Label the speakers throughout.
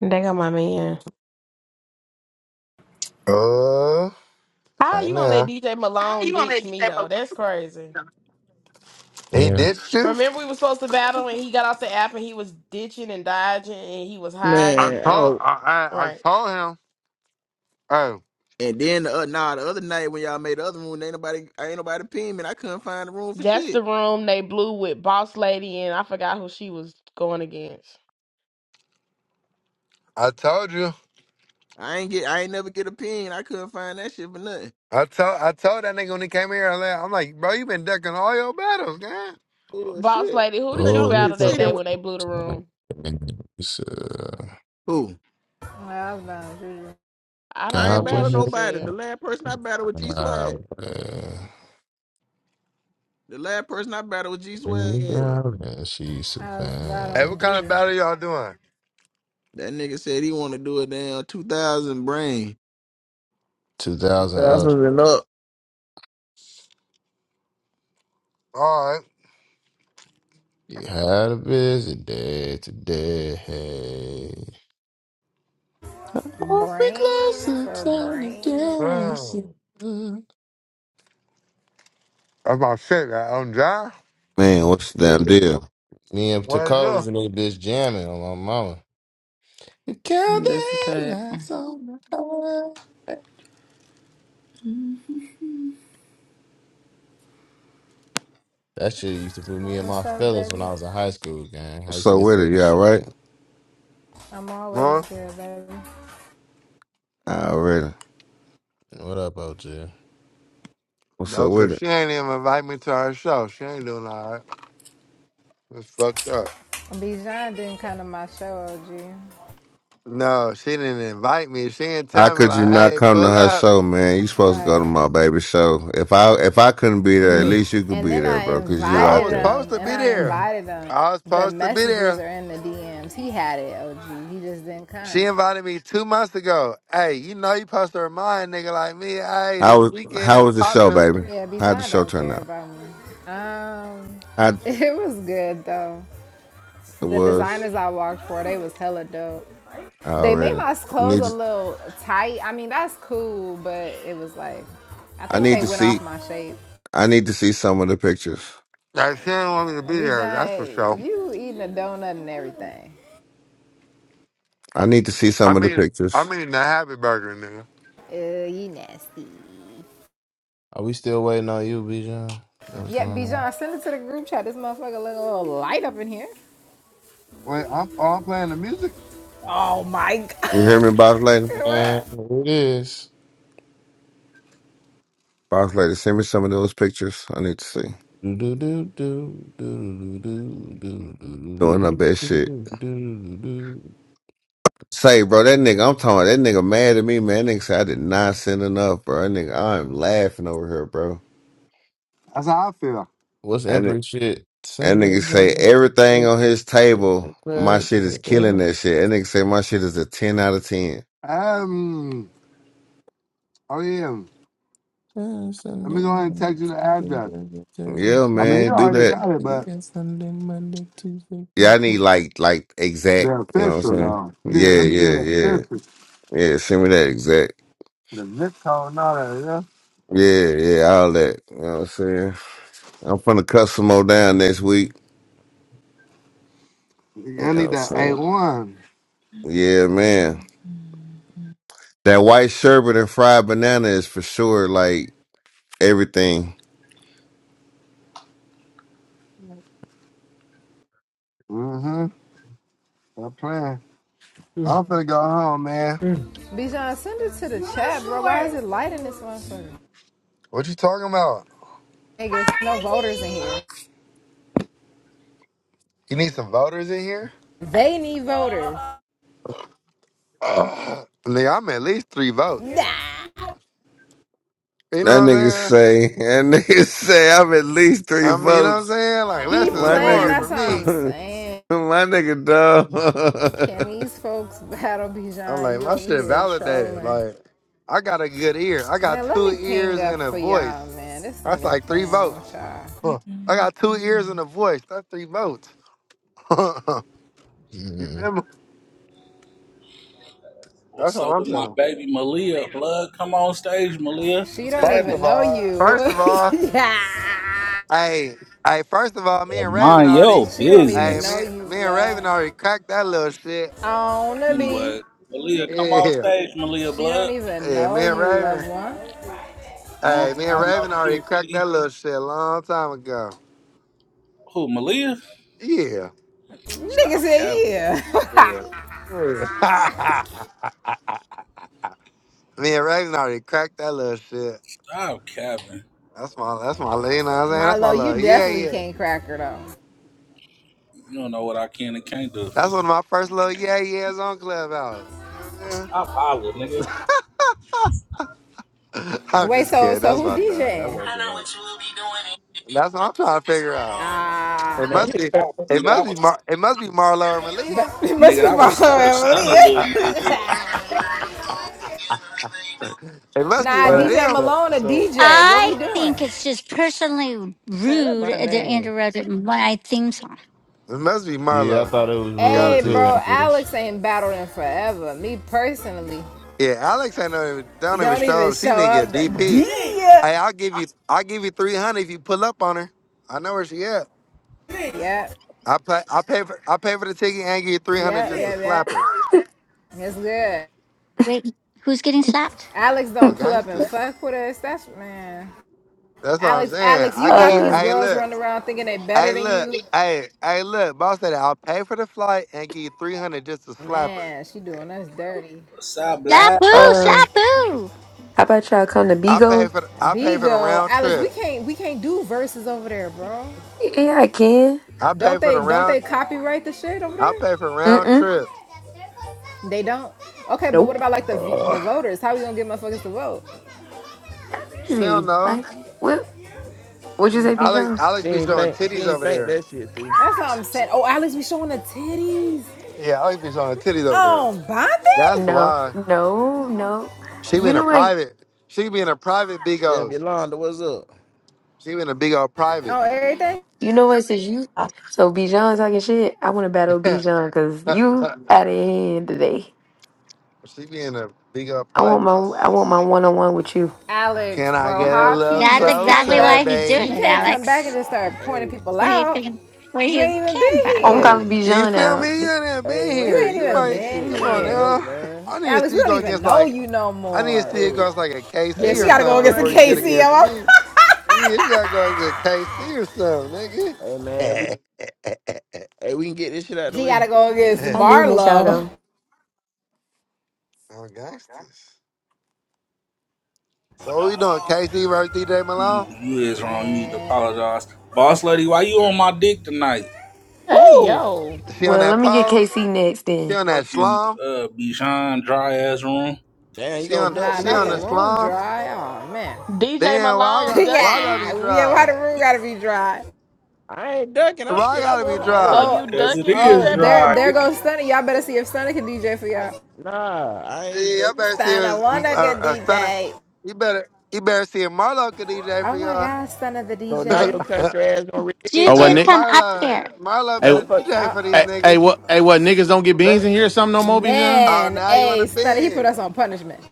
Speaker 1: They got my man.
Speaker 2: Uh,
Speaker 1: How
Speaker 2: hey
Speaker 1: you gonna let
Speaker 2: now.
Speaker 1: DJ Malone ditch me though? That's crazy.
Speaker 2: He
Speaker 3: Yeah.
Speaker 2: ditched you?
Speaker 1: Remember we were supposed to battle and he got off the app and he was ditching and dodging and he was
Speaker 2: I
Speaker 4: Man,
Speaker 1: hiding.
Speaker 2: told
Speaker 4: oh,
Speaker 2: I, I I
Speaker 1: Right.
Speaker 2: told him. Oh,
Speaker 4: and then the, uh, nah, the other night when y'all made the other room, ain't nobody, ain't nobody pin me. and I couldn't find the room for
Speaker 1: That's
Speaker 4: shit.
Speaker 1: the room they blew with Boss Lady and I forgot who she was going against.
Speaker 2: I told you.
Speaker 4: I ain't get, I ain't never get a pin. I couldn't find that shit for nothing.
Speaker 2: I told I told that nigga when he came here. I left. I'm like, bro, you been ducking all your battles, man.
Speaker 4: Oh
Speaker 1: Boss
Speaker 4: shit!
Speaker 1: Lady, who
Speaker 4: You
Speaker 1: did
Speaker 4: think
Speaker 1: you
Speaker 4: I
Speaker 3: Oh,
Speaker 4: was
Speaker 3: we
Speaker 1: battle
Speaker 4: just
Speaker 1: that
Speaker 4: sitting?
Speaker 1: day
Speaker 3: trust
Speaker 4: With,
Speaker 1: when they blew the room?
Speaker 3: And it's, uh,
Speaker 4: who?
Speaker 5: Well, I was battling Juju.
Speaker 1: I don't
Speaker 4: I ain't
Speaker 1: know
Speaker 3: God
Speaker 1: what
Speaker 4: battle
Speaker 1: she
Speaker 4: nobody. The
Speaker 1: said.
Speaker 4: last person I battled with G
Speaker 3: Uh,
Speaker 4: Swag. The last person I battled with G
Speaker 3: we
Speaker 4: Swag. Yeah,
Speaker 3: got it. she
Speaker 5: I was
Speaker 2: Hey,
Speaker 5: battling
Speaker 2: what kind
Speaker 3: survived.
Speaker 5: Juju.
Speaker 2: of battle y'all doing?
Speaker 4: that nigga said he want to do a damn two thousand brain.
Speaker 3: 2000 up.
Speaker 4: Thousand and up.
Speaker 2: All
Speaker 3: You had a busy day today. Hey. I'll be
Speaker 5: Brain
Speaker 3: closer,
Speaker 5: for
Speaker 3: Johnny
Speaker 5: brain.
Speaker 2: right.
Speaker 3: Jackson.
Speaker 2: Hmm. That's my shit. Right? On John.
Speaker 6: Man, what's the damn deal?
Speaker 3: Me and
Speaker 2: What is
Speaker 3: Taco was
Speaker 2: up?
Speaker 3: in this bitch jamming on my mama. You count
Speaker 7: That's a
Speaker 3: the
Speaker 7: fact.
Speaker 3: headlights on the heart.
Speaker 7: I
Speaker 3: That shit used to put me and my
Speaker 5: What's up,
Speaker 3: fellas when
Speaker 5: baby?
Speaker 3: I was in high school, gang. I
Speaker 6: What's
Speaker 3: used to
Speaker 6: up with
Speaker 3: listen
Speaker 6: it?
Speaker 3: to that
Speaker 6: You all
Speaker 3: shit.
Speaker 6: right?
Speaker 5: I'm always
Speaker 2: Huh?
Speaker 5: good, baby.
Speaker 6: Already.
Speaker 3: What up, OJ?
Speaker 6: What's
Speaker 2: No,
Speaker 6: up
Speaker 2: cause
Speaker 6: with it?
Speaker 2: she ain't even invite me to her show. She ain't doing all right. It's fucked up.
Speaker 5: Bijan didn't come to my show, OG.
Speaker 2: No, she didn't invite me. She didn't
Speaker 6: How
Speaker 2: tell me
Speaker 6: could you
Speaker 2: like,
Speaker 6: not
Speaker 2: hey,
Speaker 6: come to
Speaker 2: pull
Speaker 6: her
Speaker 2: up.
Speaker 6: show, man? You supposed to go to
Speaker 5: Right.
Speaker 6: my baby show. If I if I couldn't be there, at
Speaker 4: Mm,
Speaker 6: least you could
Speaker 5: And
Speaker 6: be
Speaker 5: then
Speaker 6: there,
Speaker 5: I
Speaker 6: bro, because you
Speaker 2: I
Speaker 6: out
Speaker 5: invited
Speaker 2: was
Speaker 6: there.
Speaker 2: supposed
Speaker 5: him,
Speaker 2: to
Speaker 5: and
Speaker 2: be
Speaker 5: I
Speaker 2: there.
Speaker 4: mm,
Speaker 5: invited him.
Speaker 2: I was
Speaker 5: The
Speaker 2: supposed to be
Speaker 5: messages
Speaker 2: there.
Speaker 5: are in the DMs. He had it, OG. He just didn't
Speaker 2: She
Speaker 5: come.
Speaker 2: invited me two months ago. Hey, you know you supposed to remind nigga like me, hey,
Speaker 6: How
Speaker 2: this
Speaker 6: was
Speaker 2: weekend is
Speaker 6: how was the show,
Speaker 2: popping.
Speaker 6: baby?
Speaker 5: Yeah,
Speaker 6: How'd the
Speaker 5: Bijan
Speaker 6: show
Speaker 5: don't
Speaker 6: turn
Speaker 5: care
Speaker 6: out?
Speaker 5: about me. Um,
Speaker 6: How it
Speaker 5: it was good though. The
Speaker 6: was
Speaker 5: designers I walked for, they was hella dope. They made
Speaker 6: already.
Speaker 5: my clothes
Speaker 6: Need
Speaker 5: a little tight. I mean, that's cool, but it was like, I
Speaker 6: I
Speaker 5: think
Speaker 6: need
Speaker 5: they
Speaker 6: to
Speaker 5: went off
Speaker 6: see
Speaker 5: my shape.
Speaker 6: I need to see some of the pictures.
Speaker 2: Like, she didn't want me to be there, that's for sure.
Speaker 5: Bijan, you eating a donut and everything.
Speaker 6: I need to see
Speaker 2: I
Speaker 6: some of the
Speaker 2: mean
Speaker 6: pictures.
Speaker 2: I mean the happy burger, nigga.
Speaker 5: Ugh, you nasty.
Speaker 3: Are we still waiting on you, Bijan? That was
Speaker 5: Yeah,
Speaker 3: going on.
Speaker 5: Bijan, send it to the group chat. This motherfucker look a little light up in here.
Speaker 2: Wait, I'm oh, I'm playing the music?
Speaker 5: Oh my god.
Speaker 6: You hear me, boss lady?
Speaker 3: And
Speaker 5: What?
Speaker 3: it is.
Speaker 6: Boss lady, send me some of those pictures. I need to see.
Speaker 3: Do do do do do do do do do do
Speaker 6: Doing her
Speaker 3: do
Speaker 6: best shit.
Speaker 3: do do do do.
Speaker 6: Say, bro, that nigga, I'm talking about that nigga mad at me, man. That nigga say I did not send enough, bro. That nigga, I'm laughing over here, bro.
Speaker 2: That's how I feel.
Speaker 3: What's
Speaker 6: And it,
Speaker 3: Emperor shit?
Speaker 6: and
Speaker 3: Sunday
Speaker 6: nigga say
Speaker 3: morning,
Speaker 6: everything
Speaker 3: Tuesday,
Speaker 6: on his table,
Speaker 3: Thursday,
Speaker 6: my
Speaker 3: Friday,
Speaker 6: shit is
Speaker 3: Saturday,
Speaker 6: killing that shit. That nigga say my shit is a ten out of ten.
Speaker 2: Um oh yeah.
Speaker 3: Sunday,
Speaker 2: Let
Speaker 3: Sunday,
Speaker 2: me go ahead and
Speaker 3: Monday,
Speaker 2: text you the
Speaker 3: Tuesday,
Speaker 2: address.
Speaker 3: Wednesday, Thursday,
Speaker 6: Yeah,
Speaker 2: I mean
Speaker 3: Friday,
Speaker 2: you
Speaker 6: man, do
Speaker 2: already
Speaker 3: Saturday,
Speaker 6: that.
Speaker 2: got it, but
Speaker 3: and Sunday, Monday, Tuesday,
Speaker 6: Yeah, I need
Speaker 3: Wednesday.
Speaker 6: like like exact.
Speaker 2: they're
Speaker 6: You know what I'm
Speaker 2: official
Speaker 6: saying?
Speaker 2: though.
Speaker 6: Yeah,
Speaker 2: Yeah, let me get
Speaker 6: yeah,
Speaker 2: it
Speaker 6: yeah,
Speaker 2: official.
Speaker 6: yeah. Send me that exact.
Speaker 2: The zip code and all that,
Speaker 6: Yeah, yeah, all that. You know what I'm saying? I'm finna cut some more down next week. You
Speaker 2: yeah.
Speaker 6: know
Speaker 2: I
Speaker 6: what
Speaker 2: need
Speaker 6: I'm
Speaker 2: that A
Speaker 6: saying?
Speaker 2: one.
Speaker 6: Yeah, man. That white sherbet and fried banana is for sure like everything.
Speaker 2: Mm-hmm. Stop playing.
Speaker 4: mm,
Speaker 2: I'm finna go home, man.
Speaker 4: mm.
Speaker 5: Bijan, send it to the chat, bro. Why is it light in this motherfucker?
Speaker 2: What you talking about?
Speaker 5: Niggas, no voters in here.
Speaker 2: You need some voters in here?
Speaker 5: They need voters.
Speaker 2: Ugh. Nigga, I'm at least three votes.
Speaker 5: Nah.
Speaker 2: You know what
Speaker 6: That
Speaker 2: I'm
Speaker 6: nigga
Speaker 2: saying?
Speaker 6: say, that nigga say I'm at least three
Speaker 2: I mean, you know what I'm
Speaker 6: votes.
Speaker 2: saying? Like,
Speaker 5: He
Speaker 2: less is
Speaker 6: My
Speaker 5: playing.
Speaker 2: more for
Speaker 5: That's
Speaker 6: nigga,
Speaker 5: what I'm
Speaker 2: me.
Speaker 6: my
Speaker 5: saying.
Speaker 6: nigga,
Speaker 5: Can
Speaker 6: dog.
Speaker 5: these folks battle
Speaker 2: I'm
Speaker 5: Bijan?
Speaker 2: like,
Speaker 5: You
Speaker 2: my
Speaker 5: over
Speaker 2: shit
Speaker 5: here
Speaker 2: validated.
Speaker 5: trolling.
Speaker 2: Like, I got a good ear. I got
Speaker 5: Man, let
Speaker 2: two
Speaker 5: me ping
Speaker 2: ears
Speaker 5: up
Speaker 2: and a
Speaker 5: for y'all,
Speaker 2: voice.
Speaker 5: man. This
Speaker 2: That's
Speaker 5: nigga
Speaker 2: like three
Speaker 5: playing with
Speaker 2: votes.
Speaker 5: y'all.
Speaker 2: Huh. I got two ears and a voice. That's three votes. you feel me? That's
Speaker 8: What's
Speaker 2: all
Speaker 8: up
Speaker 2: I'm
Speaker 8: with my
Speaker 2: saying.
Speaker 8: baby Malia? Blood, come on stage, Malia.
Speaker 5: She
Speaker 8: What's
Speaker 5: don't
Speaker 2: First
Speaker 8: happening?
Speaker 5: even
Speaker 2: of
Speaker 5: know
Speaker 2: all,
Speaker 5: you.
Speaker 2: first of all.
Speaker 5: yeah.
Speaker 2: Hey, hey, first of all, me
Speaker 8: Girl,
Speaker 2: and Raven
Speaker 8: mind
Speaker 2: already,
Speaker 8: your
Speaker 5: She don't even
Speaker 2: hey, me,
Speaker 5: know
Speaker 8: business.
Speaker 5: you,
Speaker 2: me and
Speaker 5: blood.
Speaker 2: Raven already cracked that little shit.
Speaker 5: On the bee.
Speaker 8: Anyway, Malia, come on
Speaker 2: Yeah,
Speaker 8: stage, Malia.
Speaker 5: She don't
Speaker 8: Blood,
Speaker 5: even
Speaker 2: yeah,
Speaker 5: know
Speaker 2: me and
Speaker 5: you, loved
Speaker 2: Raven,
Speaker 5: one.
Speaker 2: hey,
Speaker 8: long
Speaker 2: me and
Speaker 8: time no
Speaker 2: Raven already
Speaker 8: here,
Speaker 2: cracked
Speaker 8: B.
Speaker 2: that little shit a long time ago.
Speaker 8: Who, Malia?
Speaker 2: Yeah,
Speaker 5: Nigga
Speaker 8: Stop
Speaker 5: said
Speaker 8: capping.
Speaker 5: yeah.
Speaker 2: yeah, yeah. me and Raven already cracked that little shit.
Speaker 8: Stop capping.
Speaker 2: That's my, that's my, you know what I'm saying? That's my
Speaker 5: Marlo,
Speaker 2: little,
Speaker 5: you
Speaker 2: yeah,
Speaker 5: definitely
Speaker 2: yeah.
Speaker 5: can't crack her though.
Speaker 8: You don't know what I can and can't do.
Speaker 2: That's one of my first little yeah, yeahs on Clubhouse. You know what
Speaker 8: Stop hollering, nigga.
Speaker 2: I'm saying? I'm
Speaker 5: Wait,
Speaker 2: just
Speaker 5: so
Speaker 2: kidding.
Speaker 5: so
Speaker 2: That's
Speaker 5: who
Speaker 2: my dog. That's
Speaker 5: DJing?
Speaker 2: my
Speaker 7: know
Speaker 2: dog.
Speaker 7: what you will be doing
Speaker 2: That's what I'm trying to figure out.
Speaker 5: Ah,
Speaker 2: It
Speaker 4: Man,
Speaker 2: must
Speaker 8: Nigga,
Speaker 2: be.
Speaker 8: I was,
Speaker 2: It
Speaker 8: nigga, I
Speaker 2: must be.
Speaker 8: was,
Speaker 2: Mar- it must be Marlo or
Speaker 5: Uh,
Speaker 2: Malia.
Speaker 5: but it must
Speaker 8: nigga,
Speaker 5: be
Speaker 8: I was, I
Speaker 5: Marlo
Speaker 8: was stunned a little. Yeah, yeah.
Speaker 5: Emily.
Speaker 2: it must be
Speaker 5: Nah,
Speaker 2: one of
Speaker 4: yeah.
Speaker 5: DJ
Speaker 2: them.
Speaker 4: So,
Speaker 5: Malone a
Speaker 4: so
Speaker 5: DJ. What
Speaker 9: I
Speaker 5: we doing?
Speaker 9: think it's just personally
Speaker 4: man, that's
Speaker 9: rude
Speaker 4: my
Speaker 9: to
Speaker 4: name.
Speaker 9: interrupt my theme song.
Speaker 2: It must be
Speaker 3: Yeah, I
Speaker 2: Marlo.
Speaker 3: thought it was
Speaker 2: Gotta
Speaker 3: rude
Speaker 5: Hey,
Speaker 2: be.
Speaker 3: too,
Speaker 5: bro,
Speaker 3: Empress.
Speaker 5: Alex ain't battling forever. Me personally,
Speaker 2: Yeah, Alex ain't don't even, don't even
Speaker 5: don't even
Speaker 2: show up. She
Speaker 5: show
Speaker 2: nigga a
Speaker 5: up. To DJ.
Speaker 2: DP. Hey, I'll give you. I'll give you three hundred if you pull up on her. I know where she at.
Speaker 5: yeah, yeah.
Speaker 2: I pay. I pay for. I pay for the ticket and give you three hundred just to
Speaker 5: yep, yep.
Speaker 2: slap her
Speaker 5: It's good.
Speaker 9: Wait, who's getting slapped?
Speaker 5: Alex don't
Speaker 2: on
Speaker 5: pull up and
Speaker 2: gangsters.
Speaker 5: fuck with us. That's man.
Speaker 2: That's what I'm
Speaker 5: Alex,
Speaker 2: saying.
Speaker 5: Alex,
Speaker 2: I
Speaker 5: you got
Speaker 2: give.
Speaker 5: these
Speaker 10: Uh,
Speaker 2: Hey,
Speaker 5: girls
Speaker 2: look.
Speaker 5: running around thinking they better
Speaker 2: Hey,
Speaker 5: than
Speaker 2: look.
Speaker 5: you.
Speaker 2: Hey, hey, look. Boss said I'll pay for the flight and give you three hundred just to slap her.
Speaker 5: Man, she doing us dirty.
Speaker 8: What's up,
Speaker 9: Slap
Speaker 8: black?
Speaker 9: boo,
Speaker 10: uh,
Speaker 9: slap boo.
Speaker 10: how about y'all come to
Speaker 2: I pay
Speaker 10: Bigo?
Speaker 2: for the, I pay for the
Speaker 5: Bigo,
Speaker 2: round
Speaker 5: Alex, we
Speaker 2: trip.
Speaker 5: can't we can't do verses over there, bro.
Speaker 10: Yeah, I can.
Speaker 2: I pay
Speaker 5: Don't
Speaker 2: for
Speaker 5: they
Speaker 2: the
Speaker 5: don't they
Speaker 2: round.
Speaker 5: copyright the shit over
Speaker 2: I
Speaker 5: there?
Speaker 2: pay for round
Speaker 10: Mm-mm.
Speaker 2: trip.
Speaker 5: They don't. Okay, but what
Speaker 10: Nope.
Speaker 5: about like the the
Speaker 2: Ugh.
Speaker 5: voters? How we gonna get motherfuckers to vote?
Speaker 2: she don't
Speaker 10: Easy.
Speaker 2: know.
Speaker 10: Like, what? What'd you say,
Speaker 2: Alex
Speaker 10: Bijan?
Speaker 4: She
Speaker 2: Alex be
Speaker 4: ain't
Speaker 2: showing
Speaker 4: think she
Speaker 2: titties
Speaker 4: ain't
Speaker 2: over
Speaker 4: think
Speaker 2: there.
Speaker 4: that shit through.
Speaker 5: That's what I'm saying. Oh, Alex we showing the titties.
Speaker 2: Yeah, Alex be showing titties over there.
Speaker 5: Oh,
Speaker 2: That's
Speaker 5: Bonding?
Speaker 10: No,
Speaker 2: why
Speaker 10: no, no.
Speaker 2: she be
Speaker 10: You
Speaker 2: in a
Speaker 10: know what?
Speaker 2: private. She be in a private big
Speaker 4: Chef
Speaker 2: O's.
Speaker 4: Yolanda, what's up?
Speaker 2: She be in a big old private.
Speaker 5: Oh, everything?
Speaker 10: You know what? Since you, so Bijan talking shit, I want to battle Bijan because you out of hand today.
Speaker 2: she be in a big old
Speaker 10: I want
Speaker 2: private.
Speaker 10: my, I want my one on one with you.
Speaker 5: Alex,
Speaker 2: Can I
Speaker 5: bro,
Speaker 2: get a
Speaker 5: how
Speaker 2: little
Speaker 5: can you
Speaker 9: That's
Speaker 5: just come
Speaker 9: exactly
Speaker 2: closer,
Speaker 5: back?
Speaker 9: why he's
Speaker 5: You
Speaker 9: doing it,
Speaker 5: can't
Speaker 2: baby?
Speaker 5: come back and
Speaker 9: Alex.
Speaker 5: just start pointing
Speaker 4: Hey,
Speaker 5: people
Speaker 9: Where you
Speaker 5: out.
Speaker 9: can, where
Speaker 5: You
Speaker 9: you
Speaker 5: ain't even
Speaker 9: can
Speaker 5: been
Speaker 9: battle
Speaker 10: I'm
Speaker 9: him.
Speaker 5: here.
Speaker 4: hey,
Speaker 10: calling
Speaker 2: You
Speaker 10: Bijan
Speaker 2: feel
Speaker 10: out.
Speaker 2: me? You done
Speaker 4: hey,
Speaker 2: been
Speaker 4: when
Speaker 5: You
Speaker 2: here.
Speaker 4: we
Speaker 5: ain't
Speaker 4: can
Speaker 2: You
Speaker 5: even
Speaker 4: run this
Speaker 2: might
Speaker 5: been
Speaker 4: shit?
Speaker 2: come
Speaker 4: It's
Speaker 2: on
Speaker 4: getting
Speaker 5: here.
Speaker 4: late,
Speaker 2: now.
Speaker 4: man.
Speaker 2: I need to
Speaker 5: Alex,
Speaker 2: see
Speaker 5: we
Speaker 2: you
Speaker 5: don't
Speaker 2: go
Speaker 5: even
Speaker 2: against
Speaker 5: know
Speaker 2: like
Speaker 5: you no
Speaker 2: I need to
Speaker 5: more.
Speaker 2: see it
Speaker 4: Hey,
Speaker 2: goes like a
Speaker 5: Yeah,
Speaker 4: hey,
Speaker 2: KC
Speaker 5: she
Speaker 2: or
Speaker 4: when we
Speaker 5: gotta go
Speaker 2: something
Speaker 4: gonna
Speaker 5: against the
Speaker 4: run
Speaker 2: before you
Speaker 4: this
Speaker 2: get
Speaker 4: shit?
Speaker 2: against
Speaker 5: KCO.
Speaker 2: me. Yeah, you gotta go to KC or something,
Speaker 4: Hey man, we
Speaker 2: nigga.
Speaker 4: hey we can get this shit out the
Speaker 5: she gotta
Speaker 4: way.
Speaker 5: go against
Speaker 10: I did
Speaker 2: I'm
Speaker 10: miss y'all
Speaker 5: Marlo.
Speaker 10: though.
Speaker 2: gangsters. So what we doing? KC versus DJ
Speaker 8: Mm,
Speaker 2: Malone?
Speaker 8: You is wrong. You need to
Speaker 5: Man.
Speaker 8: apologize, boss lady. Why you on my dick tonight?
Speaker 1: Hey
Speaker 5: Who?
Speaker 1: yo.
Speaker 2: She on
Speaker 10: Well, let
Speaker 2: that
Speaker 10: me get
Speaker 2: pole?
Speaker 10: KC next
Speaker 2: She on that
Speaker 8: fucking
Speaker 2: slum?
Speaker 8: uh Bichon dry ass room.
Speaker 4: Damn, you
Speaker 2: She
Speaker 4: gonna
Speaker 2: on
Speaker 4: duck
Speaker 5: Nah,
Speaker 4: me,
Speaker 2: she
Speaker 5: not
Speaker 2: on
Speaker 5: the
Speaker 2: the
Speaker 4: kid?
Speaker 5: room
Speaker 2: slum?
Speaker 5: dry. Oh man.
Speaker 1: DJ
Speaker 2: Damn, why I
Speaker 1: Malone
Speaker 2: got why I gotta
Speaker 1: ducking?
Speaker 2: be
Speaker 5: yeah, yeah. Why
Speaker 2: dry?
Speaker 5: the room gotta be dry?
Speaker 4: I ain't ducking. I'm
Speaker 2: Why I
Speaker 4: shit. I
Speaker 2: gotta be
Speaker 4: wanna
Speaker 1: So
Speaker 4: hey.
Speaker 2: dry?
Speaker 5: Oh,
Speaker 1: you
Speaker 8: Cause it
Speaker 1: ducking
Speaker 5: oh.
Speaker 8: is
Speaker 1: DJ
Speaker 5: There,
Speaker 8: dry.
Speaker 5: there
Speaker 1: Malone?
Speaker 5: goes Stunna. Y'all better see if Stunna can DJ for
Speaker 4: I
Speaker 5: y'all.
Speaker 4: nah, I ain't
Speaker 2: Yeah, I
Speaker 4: ducking.
Speaker 2: better see her
Speaker 5: Stunna wanna get
Speaker 2: a, a stunner.
Speaker 5: DJ.
Speaker 2: You better you better see a Marlo could DJ for
Speaker 5: Oh my God, Stunna the
Speaker 4: So now your
Speaker 5: DJ.
Speaker 2: y'all.
Speaker 4: country ass gonna read it,
Speaker 11: Oh,
Speaker 4: you
Speaker 11: what
Speaker 2: Hey,
Speaker 9: Juju,
Speaker 4: get-
Speaker 11: Nick?
Speaker 9: come up here.
Speaker 2: Marlo, Marlo
Speaker 11: Hey,
Speaker 2: better
Speaker 4: motherfucker.
Speaker 2: DJ for
Speaker 5: Oh
Speaker 2: these
Speaker 11: hey, hey,
Speaker 2: niggas.
Speaker 11: what? Hey, what niggas don't get beans in
Speaker 2: They,
Speaker 11: here or something no more, Bijan?
Speaker 2: oh,
Speaker 5: man,
Speaker 2: now you want to
Speaker 5: hey Stunna, he put
Speaker 2: bean?
Speaker 5: us on punishment.